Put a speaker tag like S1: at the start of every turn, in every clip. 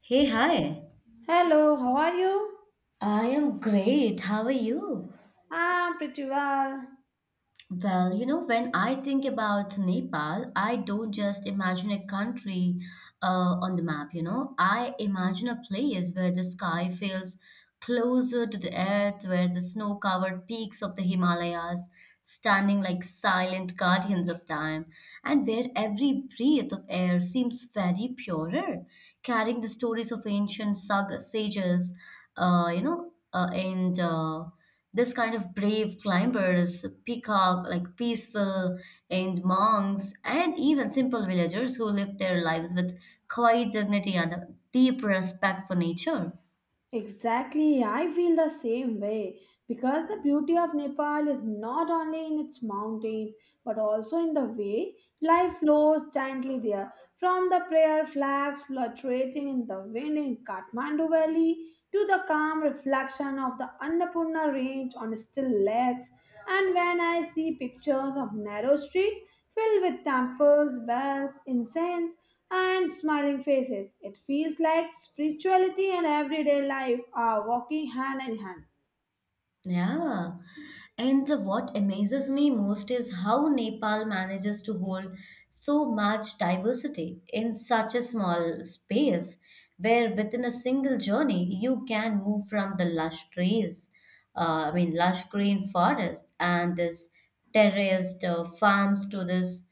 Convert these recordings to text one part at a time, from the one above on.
S1: Hey, hi.
S2: Hello, how are you?
S1: I am great. How are you?
S2: I'm pretty well.
S1: Well, you know, when I think about Nepal, I don't just imagine a country on the map, you know. I imagine a place where the sky feels closer to the earth, where the snow-covered peaks of the Himalayas standing like silent guardians of time, and where every breath of air seems very purer, carrying the stories of ancient saga sages, and this kind of brave climbers pick up like peaceful and monks and even simple villagers who live their lives with quiet dignity and a deep respect for nature.
S2: Exactly, I feel the same way. Because the beauty of Nepal is not only in its mountains but also in the way life flows gently there. From the prayer flags fluctuating in the wind in Kathmandu Valley to the calm reflection of the Annapurna range on still lakes, and when I see pictures of narrow streets filled with temples, bells, incense, and smiling faces, it feels like spirituality and everyday life are walking hand in hand.
S1: Yeah. And what amazes me most is how Nepal manages to hold so much diversity in such a small space, where within a single journey you can move from the lush trees, I mean, lush green forest and this terraced farms to this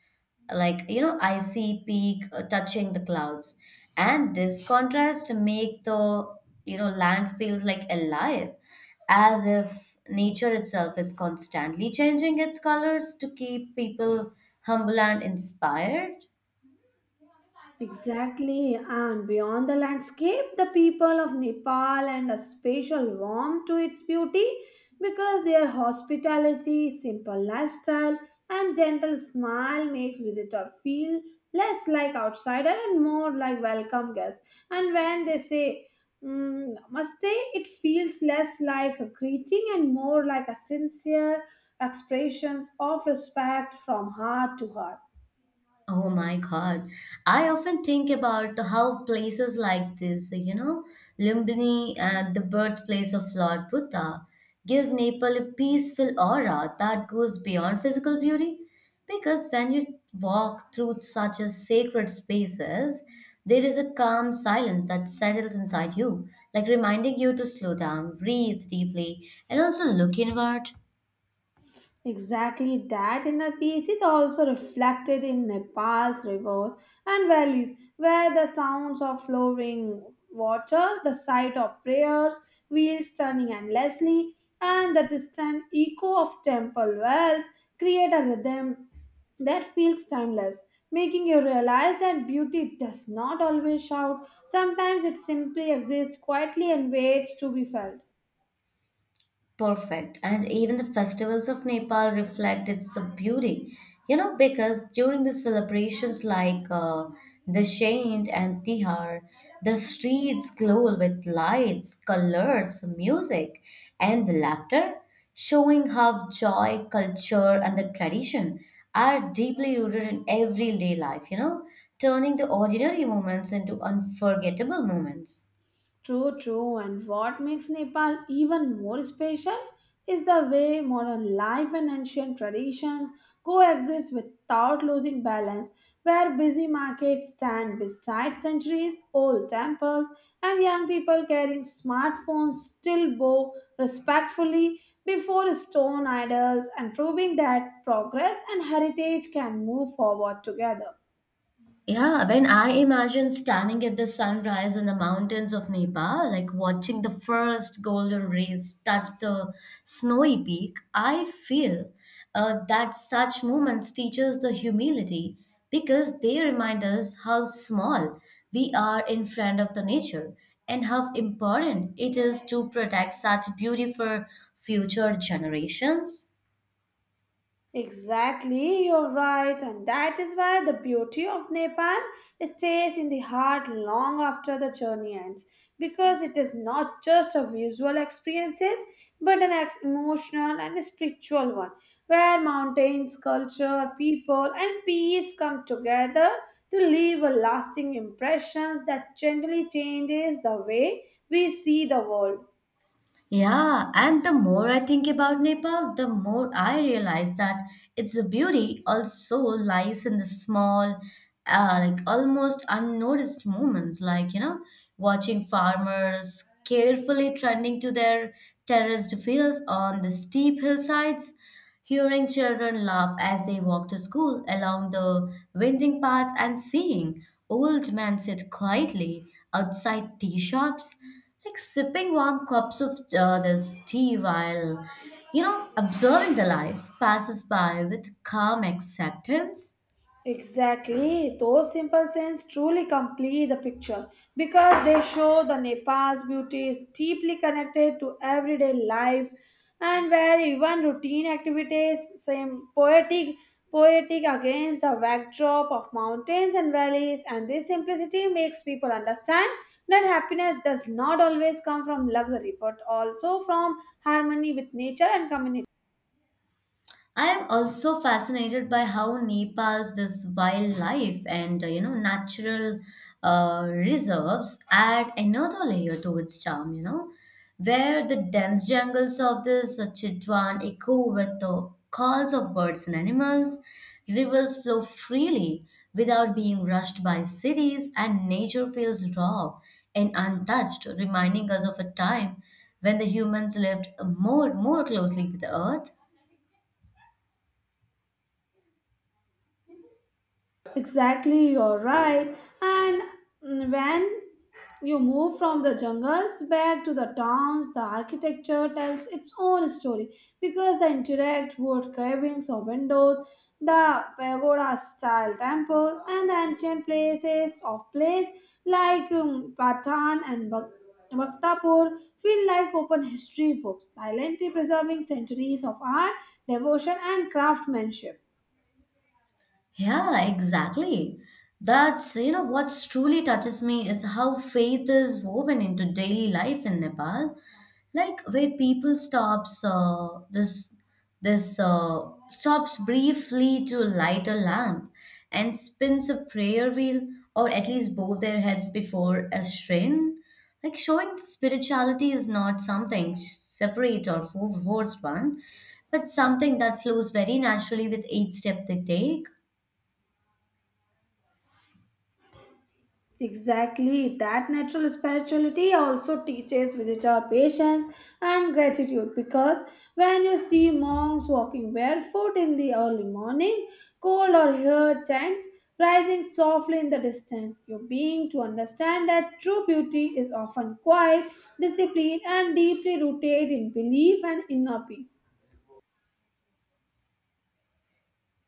S1: like you know I see peak touching the clouds and this contrast make the you know land feels like alive as if nature itself is constantly changing its colors to keep people humble and inspired.
S2: Exactly, and beyond the landscape, the people of Nepal and a special warmth to its beauty because their hospitality, simple lifestyle, and gentle smile makes visitor feel less like outsider and more like welcome guest. And when they say namaste, it feels less like a greeting and more like a sincere expression of respect from heart to heart.
S1: Oh my God. I often think about how places like this, you know, Lumbini, the birthplace of Lord Buddha, give Nepal a peaceful aura that goes beyond physical beauty. Because when you walk through such a sacred spaces, there is a calm silence that settles inside you, like reminding you to slow down, breathe deeply, and also look inward.
S2: Exactly, that inner peace is also reflected in Nepal's rivers and valleys, where the sounds of flowing water, the sight of prayers, wheels turning endlessly, and the distant echo of temple bells create a rhythm that feels timeless, making you realize that beauty does not always shout. Sometimes it simply exists quietly and waits to be felt.
S1: Perfect. And even the festivals of Nepal reflect its beauty. You know, because during the celebrations like Dashain and Tihar, the streets glow with lights, colors, music, and laughter, showing how joy, culture, and the tradition are deeply rooted in everyday life, you know, turning the ordinary moments into unforgettable moments.
S2: True, true. And what makes Nepal even more special is the way modern life and ancient traditions coexist without losing balance, where busy markets stand beside centuries old temples and young people carrying smartphones still bow respectfully before stone idols and proving that progress and heritage can move forward together.
S1: Yeah, when I imagine standing at the sunrise in the mountains of Nepal, like watching the first golden rays touch the snowy peak, I feel that such moments teach us the humility because they remind us how small we are in front of the nature and how important it is to protect such beauty for future generations.
S2: Exactly, you're right, and that is why the beauty of Nepal stays in the heart long after the journey ends because it is not just a visual experiences but an emotional and spiritual one where mountains, culture, people, and peace come together to leave a lasting impressions that gently changes the way we see the world.
S1: Yeah, and the more I think about Nepal, the more I realize that its beauty also lies in the small, like almost unnoticed moments, like, you know, watching farmers carefully tending to their terraced fields on the steep hillsides, hearing children laugh as they walk to school along the winding paths and seeing old men sit quietly outside tea shops, like sipping warm cups of this tea while, you know, observing the life passes by with calm acceptance.
S2: Exactly, those simple scenes truly complete the picture because they show the Nepal's beauty is deeply connected to everyday life and where even routine activities seem poetic against the backdrop of mountains and valleys, and this simplicity makes people understand that happiness does not always come from luxury but also from harmony with nature and community.
S1: I am also fascinated by how Nepal's this wildlife and you know natural reserves add another layer to its charm. You know, where the dense jungles of this Chitwan echo with the calls of birds and animals, rivers flow freely without being rushed by cities, and nature feels raw and untouched, reminding us of a time when the humans lived more closely with the earth.
S2: Exactly, you're right. And when you move from the jungles back to the towns, the architecture tells its own story because the indirect wood carvings or windows, the pagoda style temples, and the ancient places of place like Patan and Bhaktapur feel like open history books, silently preserving centuries of art, devotion, and craftsmanship.
S1: Yeah, exactly. That's, you know, what's truly touches me is how faith is woven into daily life in Nepal. Like where people stops this this stops briefly to light a lamp and spins a prayer wheel or at least bow their heads before a shrine. Like showing that spirituality is not something separate or forced one, but something that flows very naturally with each step they take.
S2: Exactly, that natural spirituality also teaches visitor patience and gratitude because when you see monks walking barefoot in the early morning, cold or hear chants rising softly in the distance, you being to understand that true beauty is often quiet, disciplined, and deeply rooted in belief and inner peace.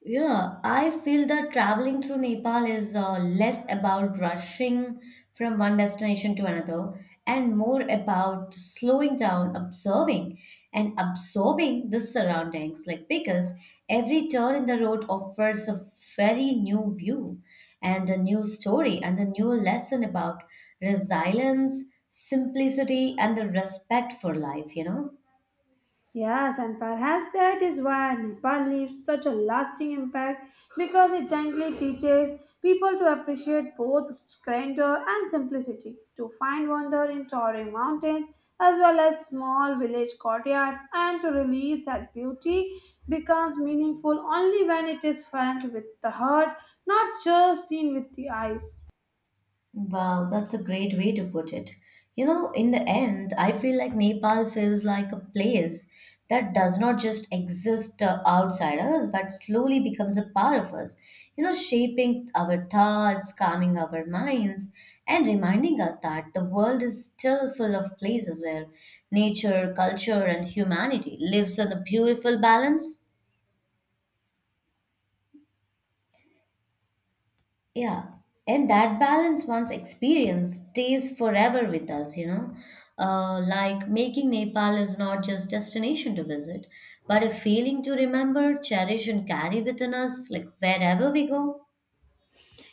S1: Yeah, I feel that traveling through Nepal is less about rushing from one destination to another and more about slowing down, observing, and absorbing the surroundings. Like, because every turn in the road offers a very new view and a new story and a new lesson about resilience, simplicity, and the respect for life, you know?
S2: Yes, and perhaps that is why Nepal leaves such a lasting impact because it gently teaches people to appreciate both grandeur and simplicity, to find wonder in towering mountains as well as small village courtyards, and to realize that beauty becomes meaningful only when it is felt with the heart, not just seen with the eyes.
S1: Wow, that's a great way to put it. You know, in the end, I feel like Nepal feels like a place that does not just exist outside us, but slowly becomes a part of us. You know, shaping our thoughts, calming our minds, and reminding us that the world is still full of places where nature, culture, and humanity lives in a beautiful balance. Yeah, and that balance once experienced stays forever with us, you know. Like making Nepal is not just destination to visit, but a feeling to remember, cherish, and carry within us, like wherever we go.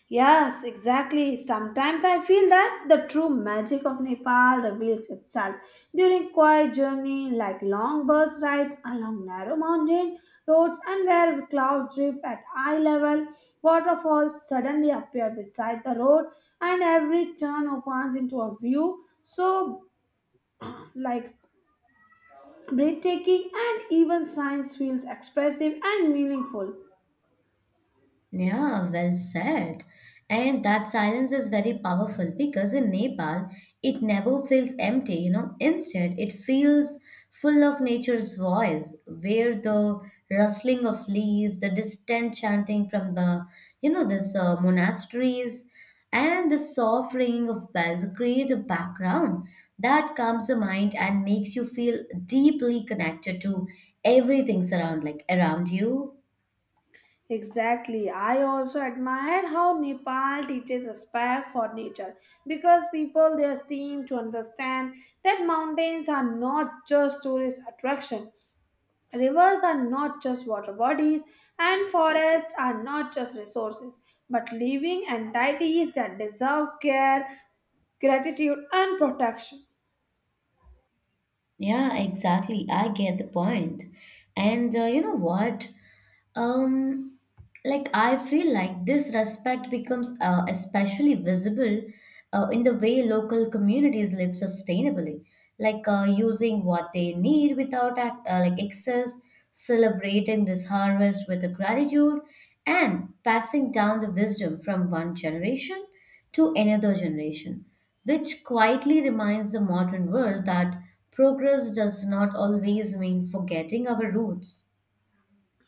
S2: Yes, exactly. Sometimes I feel that the true magic of Nepal reveals itself during quiet journey like long bus rides along narrow mountain roads and where clouds drift at eye level, waterfalls suddenly appear beside the road and every turn opens into a view so like breathtaking and even science feels expressive and meaningful.
S1: Yeah, well said. And that silence is very powerful because in Nepal, it never feels empty, you know. Instead, it feels full of nature's voice, where the rustling of leaves, the distant chanting from the, you know, this monasteries, and the soft ringing of bells creates a background that calms the mind and makes you feel deeply connected to everything surround, like around you.
S2: Exactly. I also admire how Nepal teaches respect for nature because people there seem to understand that mountains are not just tourist attraction. Rivers are not just water bodies and forests are not just resources, but living entities that deserve care, gratitude and protection.
S1: Yeah, exactly. I get the point. And you know what? Um, like I feel like this respect becomes especially visible in the way local communities live sustainably, like using what they need without like excess, celebrating this harvest with a gratitude, and passing down the wisdom from one generation to another generation, which quietly reminds the modern world that progress does not always mean forgetting our roots.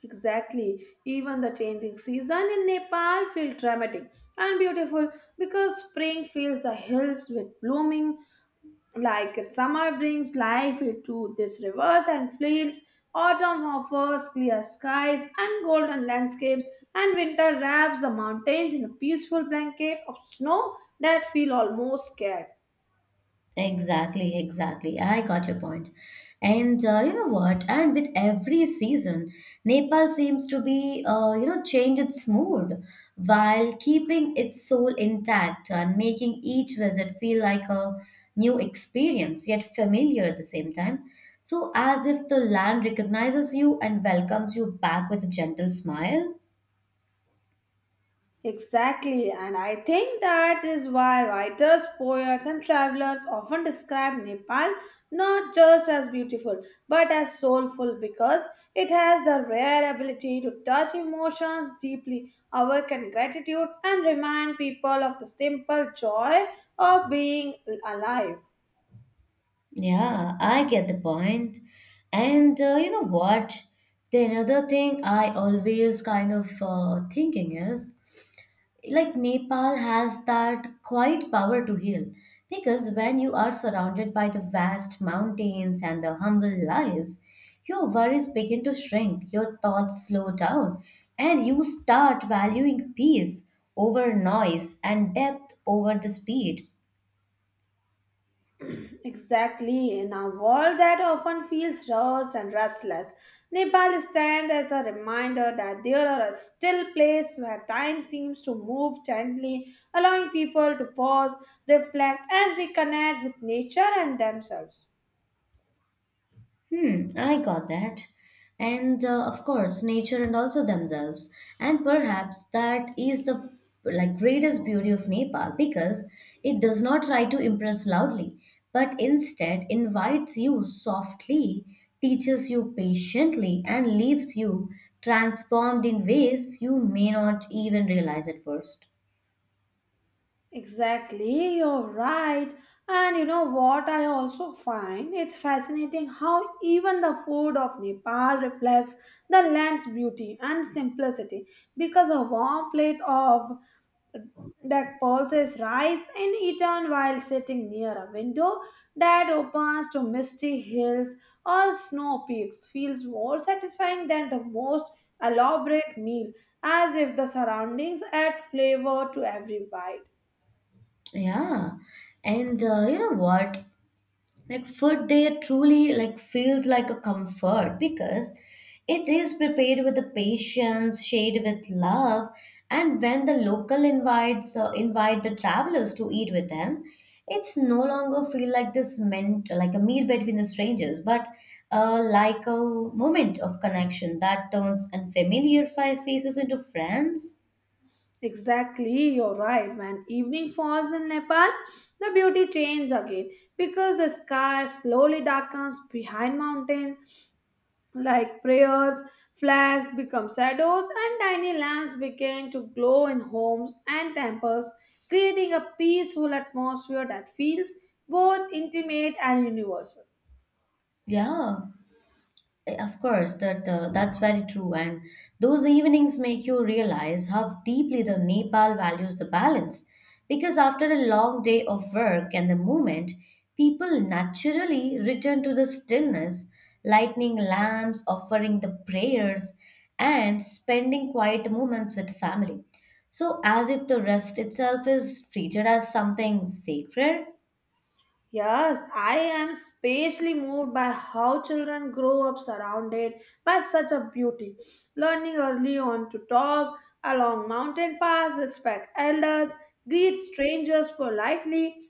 S2: Exactly. Even the changing season in Nepal feels dramatic and beautiful because spring fills the hills with blooming, like summer brings life into these rivers and fields. Autumn offers clear skies and golden landscapes, and winter wraps the mountains in a peaceful blanket of snow that feel almost scared.
S1: Exactly, exactly. I got your point. And you know what? And with every season, Nepal seems to be, you know, change its mood while keeping its soul intact and making each visit feel like a new experience, yet familiar at the same time. So, as if the land recognizes you and welcomes you back with a gentle smile.
S2: Exactly, and I think that is why writers, poets, and travelers often describe Nepal not just as beautiful but as soulful because it has the rare ability to touch emotions deeply, awaken gratitude, and remind people of the simple joy of being alive.
S1: Yeah, I get the point. And you know what? The another thing I always kind of thinking is like Nepal has that quiet power to heal because when you are surrounded by the vast mountains and the humble lives, your worries begin to shrink, your thoughts slow down, and you start valuing peace over noise and depth over the speed.
S2: Exactly. In a world that often feels rushed and restless, Nepal stands as a reminder that there are a still place where time seems to move gently, allowing people to pause, reflect, and reconnect with nature and themselves.
S1: Hmm, I got that. And of course, nature and also themselves. And perhaps that is the like greatest beauty of Nepal because it does not try to impress loudly, but instead invites you softly, teaches you patiently, and leaves you transformed in ways you may not even realize at first.
S2: Exactly, you're right. And you know what I also find? It's fascinating how even the food of Nepal reflects the land's beauty and simplicity because a warm plate of that pulses rise in Eton while sitting near a window that opens to misty hills or snow peaks feels more satisfying than the most elaborate meal, as if the surroundings add flavor to every bite.
S1: Yeah. And you know what? Like food there truly like feels like a comfort because it is prepared with the patience shared with love and when the local invite the travelers to eat with them it's no longer feel like this meant like a meal between the strangers but like a moment of connection that turns unfamiliar faces into friends.
S2: Exactly, you're right. When evening falls in Nepal, the beauty changes again because the sky slowly darkens behind mountains like prayers, flags become shadows, and tiny lamps began to glow in homes and temples, creating a peaceful atmosphere that feels both intimate and universal.
S1: Yeah. Eh, of course, that's very true. And those evenings make you realize how deeply the Nepal values the balance. Because after a long day of work and the movement, people naturally return to the stillness, lighting lamps, offering the prayers, and spending quiet moments with family. So, as if the rest itself is treated as something sacred.
S2: Yes, I am especially moved by how children grow up surrounded by such a beauty, learning early on to talk along mountain paths, respect elders, greet strangers politely,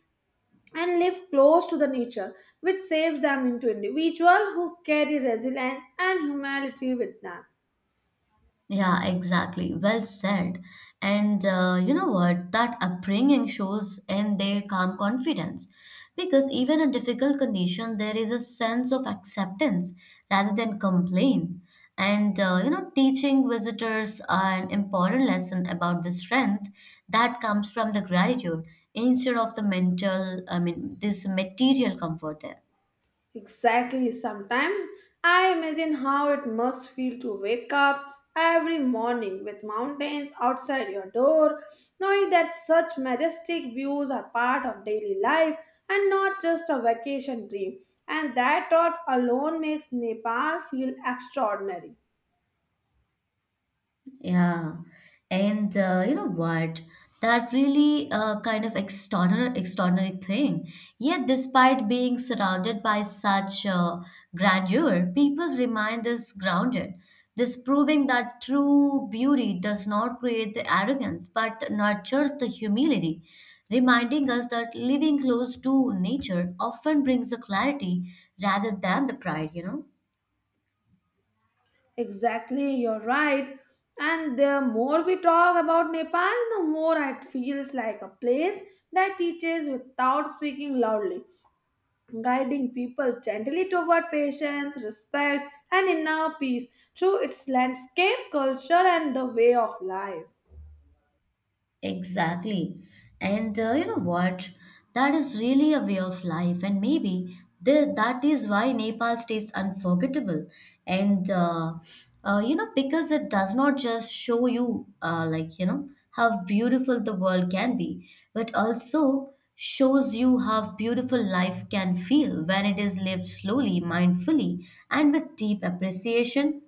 S2: and live close to the nature, which saves them into individual who carry resilience and humanity with them.
S1: Yeah, exactly. Well said. And you know what? That upbringing shows in their calm confidence. Because even in difficult condition, there is a sense of acceptance rather than complain. And you know, teaching visitors an important lesson about the strength that comes from the gratitude instead of the I mean, this material comfort there.
S2: Exactly, sometimes I imagine how it must feel to wake up every morning with mountains outside your door, knowing that such majestic views are part of daily life and not just a vacation dream, and that thought alone makes Nepal feel extraordinary.
S1: Yeah. And you know what? That really kind of extraordinary thing. Yet, despite being surrounded by such grandeur, people remind us grounded, this proving that true beauty does not create the arrogance but nurtures the humility, reminding us that living close to nature often brings the clarity rather than the pride, you know?
S2: Exactly, you're right. And the more we talk about Nepal, the more it feels like a place that teaches without speaking loudly, guiding people gently toward patience, respect, and inner peace through its landscape, culture, and the way of life.
S1: Exactly. And you know what? That is really a way of life. And maybe that is why Nepal stays unforgettable. And you know, because it does not just show you, like, you know, how beautiful the world can be, but also shows you how beautiful life can feel when it is lived slowly, mindfully, and with deep appreciation.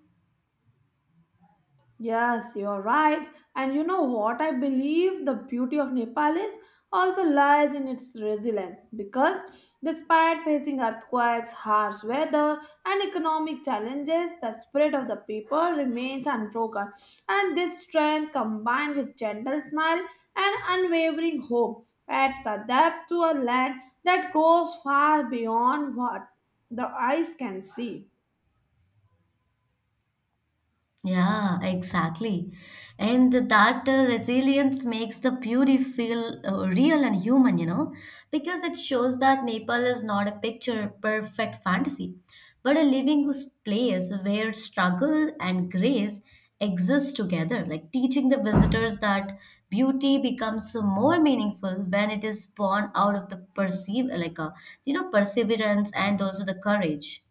S2: Yes, you're right. And you know what? I believe the beauty of Nepal is also lies in its resilience because despite facing earthquakes, harsh weather, and economic challenges, the spirit of the people remains unbroken. And this strength, combined with gentle smile and unwavering hope, adds a depth to a land that goes far beyond what the eyes can see.
S1: Yeah, exactly. And that resilience makes the beauty feel real and human, you know, because it shows that Nepal is not a picture perfect fantasy, but a living place where struggle and grace exist together, like teaching the visitors that beauty becomes more meaningful when it is born out of the perceive, like a, you know, perseverance and also the courage.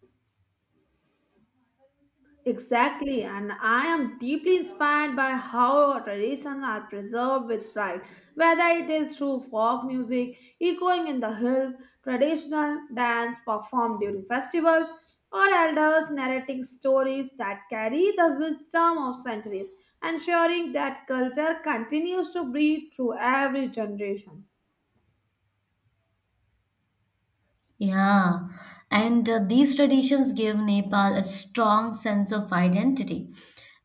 S2: Exactly, and I am deeply inspired by how our traditions are preserved with pride. Whether it is through folk music echoing in the hills, traditional dance performed during festivals, or elders narrating stories that carry the wisdom of centuries, ensuring that culture continues to breathe through every generation.
S1: Yeah, and these traditions give Nepal a strong sense of identity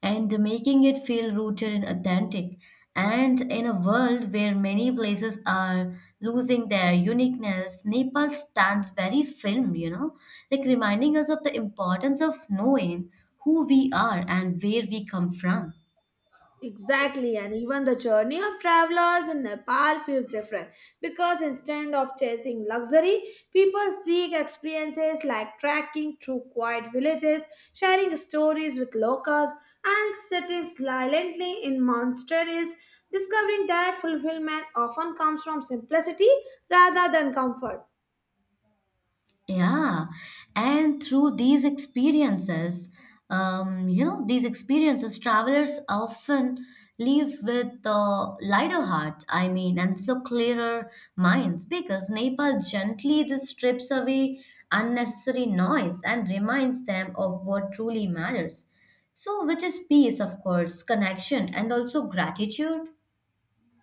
S1: and making it feel rooted and authentic. And in a world where many places are losing their uniqueness, Nepal stands very firm, you know, like reminding us of the importance of knowing who we are and where we come from.
S2: Exactly, and even the journey of travelers in Nepal feels different because instead of chasing luxury, people seek experiences like trekking through quiet villages, sharing stories with locals, and sitting silently in monasteries, discovering that fulfillment often comes from simplicity rather than comfort.
S1: Yeah, and through these experiences, you know, these experiences, travelers often leave with lighter hearts. I mean, and so clearer minds because Nepal gently this strips away unnecessary noise and reminds them of what truly matters. So, which is peace, of course, connection, and also gratitude.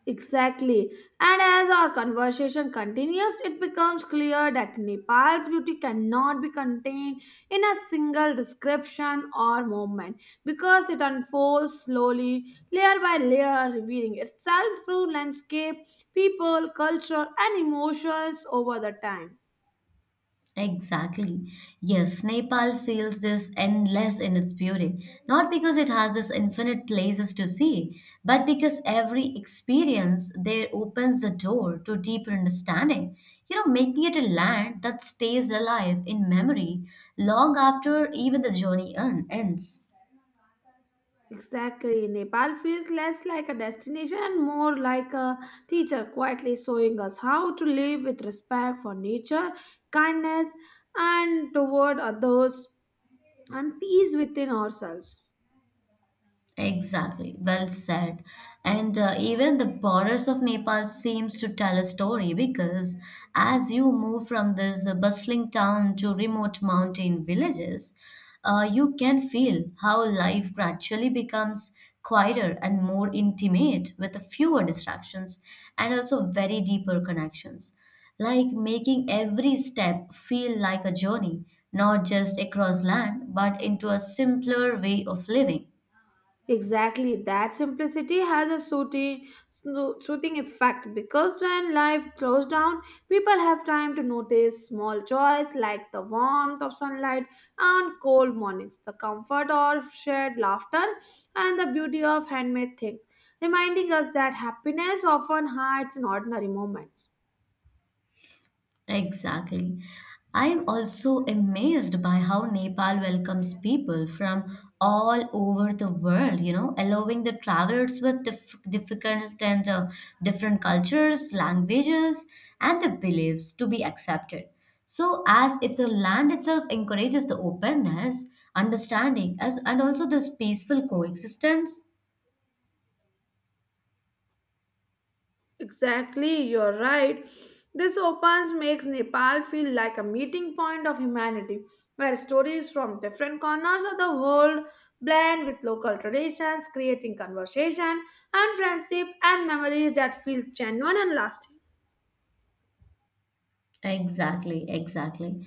S2: Exactly. And as our conversation continues, it becomes clear that Nepal's beauty cannot be contained in a single description or moment because it unfolds slowly, layer by layer, revealing itself through landscape, people, culture, and emotions over the time.
S1: Exactly. Yes, Nepal feels this endless in its beauty, not because it has this infinite places to see, but because every experience there opens the door to deeper understanding, making it a land that stays alive in memory long after even the journey ends.
S2: Exactly. Nepal feels less like a destination and more like a teacher quietly showing us how to live with respect for nature, kindness, and toward others, and peace within ourselves.
S1: Exactly, well said. And even the borders of Nepal seems to tell a story because as you move from this bustling town to remote mountain villages, you can feel how life gradually becomes quieter and more intimate with fewer distractions and also very deeper connections, like making every step feel like a journey, not just across land, but into a simpler way of living.
S2: Exactly, that simplicity has a soothing effect because when life slows down, people have time to notice small joys like the warmth of sunlight and cold mornings, the comfort of shared laughter, and the beauty of handmade things, reminding us that happiness often hides in ordinary moments.
S1: Exactly. I am also amazed by how Nepal welcomes people from all over the world, allowing the travelers with dif- difficult and different cultures, languages, and the beliefs to be accepted. So, as if the land itself encourages the openness, understanding, and also this peaceful coexistence.
S2: Exactly, you're right. This opens makes Nepal feel like a meeting point of humanity, where stories from different corners of the world blend with local traditions, creating conversation and friendship and memories that feel genuine and lasting.
S1: Exactly, exactly.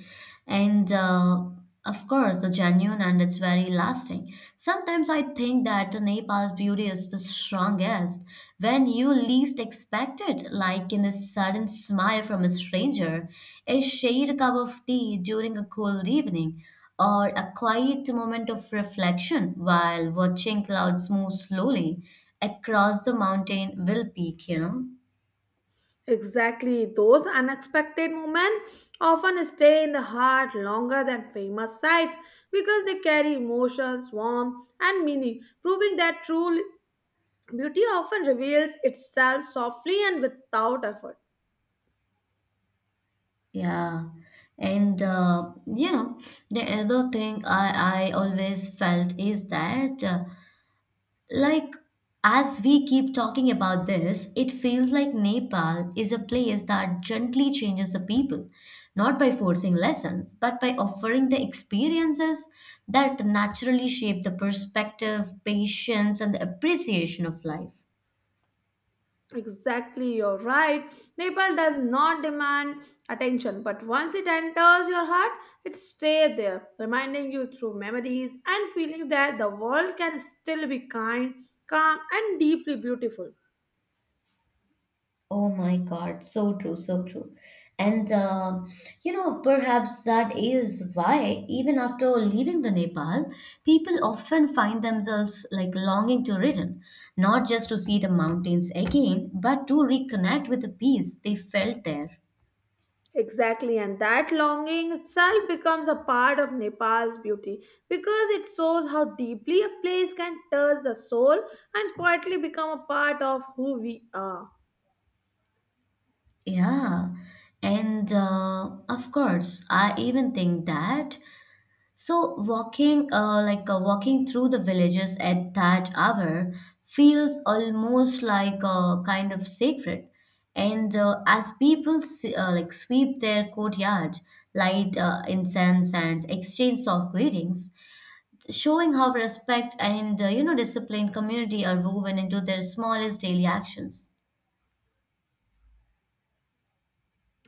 S1: And of course, the genuine and it's very lasting. Sometimes I think that the Nepal's beauty is the strongest when you least expect it, like in a sudden smile from a stranger, a shared cup of tea during a cool evening, or a quiet moment of reflection while watching clouds move slowly across the mountain will peak.
S2: Exactly, those unexpected moments often stay in the heart longer than famous sites because they carry emotions, warmth, and meaning, proving that true beauty often reveals itself softly and without effort.
S1: Yeah, and the other thing I always felt is that, like, as we keep talking about this, it feels like Nepal is a place that gently changes the people, not by forcing lessons, but by offering the experiences that naturally shape the perspective, patience, and the appreciation of life.
S2: Exactly, you're right. Nepal does not demand attention, but once it enters your heart, it stays there, reminding you through memories and feelings that the world can still be kind, calm, and deeply beautiful.
S1: Oh my God, so true, so true. And perhaps that is why, even after leaving the Nepal, people often find themselves like longing to return, not just to see the mountains again, but to reconnect with the peace they felt there.
S2: Exactly, and that longing itself becomes a part of Nepal's beauty because it shows how deeply a place can touch the soul and quietly become a part of who we are.
S1: Yeah. And of course, I even think that walking through the villages at that hour feels almost like a kind of sacred. And as people sweep their courtyard, light incense and exchange soft greetings, showing how respect and disciplined community are woven into their smallest daily actions.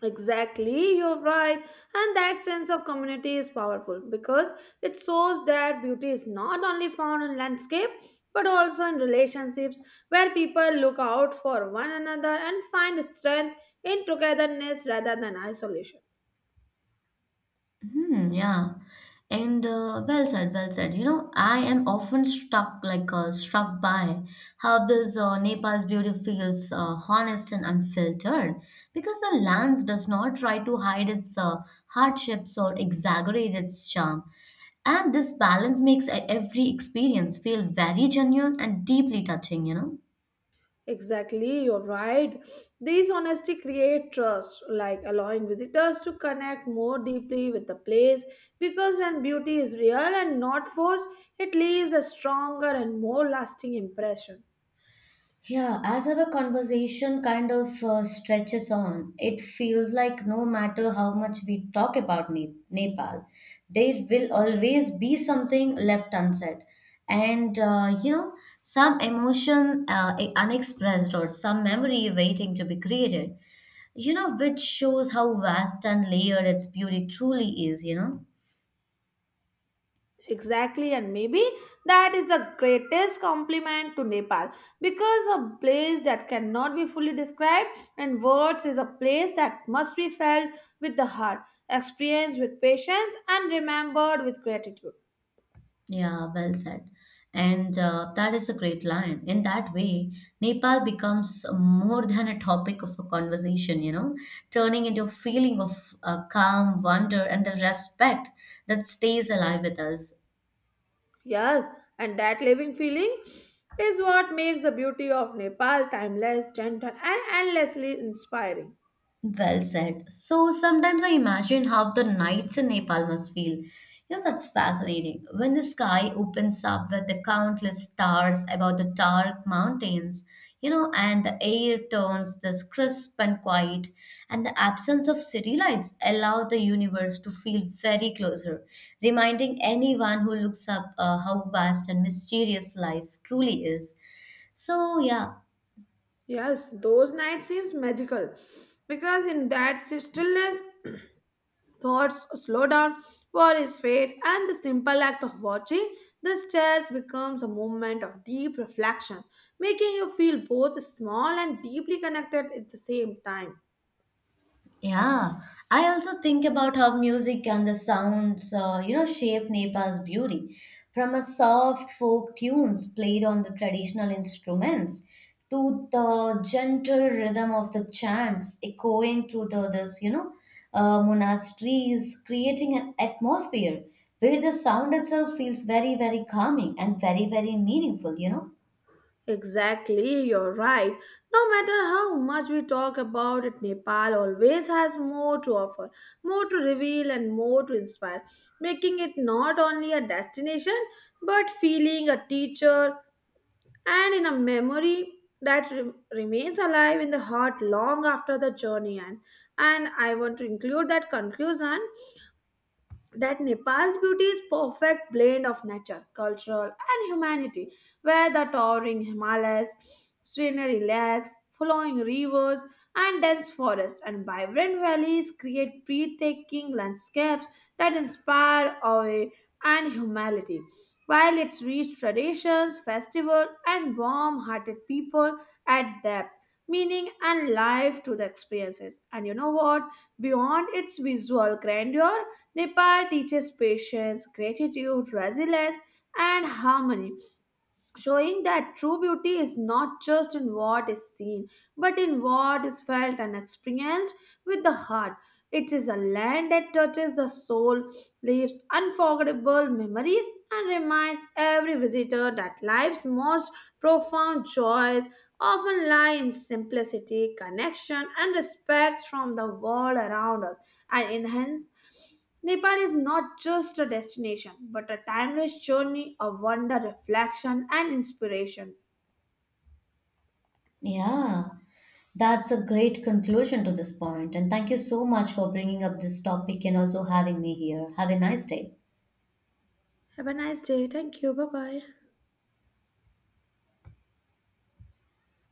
S2: Exactly, you're right. And that sense of community is powerful because it shows that beauty is not only found in landscape but also in relationships where people look out for one another and find strength in togetherness rather than isolation.
S1: Hmm, yeah. And well said, well said. You know, I am often struck by how this Nepal's beauty feels honest and unfiltered, because the lands does not try to hide its hardships or exaggerate its charm. And this balance makes every experience feel very genuine and deeply touching.
S2: Exactly, you're right. These honesty create trust, like allowing visitors to connect more deeply with the place because when beauty is real and not forced, it leaves a stronger and more lasting impression.
S1: Yeah, as our conversation kind of stretches on, it feels like no matter how much we talk about Nepal, there will always be something left unsaid. And some emotion unexpressed or some memory waiting to be created, which shows how vast and layered its beauty truly is.
S2: Exactly, and maybe that is the greatest compliment to Nepal because a place that cannot be fully described in words is a place that must be felt with the heart, experienced with patience, and remembered with gratitude.
S1: Yeah, well said. And that is a great line. In that way, Nepal becomes more than a topic of a conversation, turning into a feeling of calm, wonder, and the respect that stays alive with us.
S2: Yes, and that living feeling is what makes the beauty of Nepal timeless, gentle, and endlessly inspiring.
S1: Well said. So sometimes I imagine how the nights in Nepal must feel. You know, that's fascinating. When the sky opens up with the countless stars above the dark mountains, and the air turns this crisp and quiet, and the absence of city lights allow the universe to feel very closer, reminding anyone who looks up how vast and mysterious life truly is. So, yeah.
S2: Yes, those nights seems magical because in that stillness thoughts slow down, war is fade, and the simple act of watching the stairs becomes a moment of deep reflection, making you feel both small and deeply connected at the same time.
S1: Yeah, I also think about how music and the sounds, shape Nepal's beauty. From a soft folk tunes played on the traditional instruments to the gentle rhythm of the chants echoing through the monasteries, creating an atmosphere where the sound itself feels very, very calming and very, very meaningful.
S2: Exactly, you're right. No matter how much we talk about it, Nepal always has more to offer, more to reveal, and more to inspire, making it not only a destination but feeling a teacher and in a memory that remains alive in the heart long after the journey ends. And I want to include that conclusion that Nepal's beauty is perfect blend of nature, cultural and humanity, where the towering Himalayas, scenery lakes, flowing rivers and dense forests and vibrant valleys create breathtaking landscapes that inspire awe and humility. While its rich traditions, festivals, and warm-hearted people add depth, meaning, and life to the experiences. And you know what? Beyond its visual grandeur, Nepal teaches patience, gratitude, resilience, and harmony, showing that true beauty is not just in what is seen, but in what is felt and experienced with the heart. It is a land that touches the soul, leaves unforgettable memories, and reminds every visitor that life's most profound joys often lie in simplicity, connection, and respect from the world around us, and enhance Nepal is not just a destination, but a timeless journey of wonder, reflection, and inspiration.
S1: Yeah. That's a great conclusion to this point, and thank you so much for bringing up this topic and also having me here. Have a nice day.
S2: Have a nice day. Thank you. Bye bye.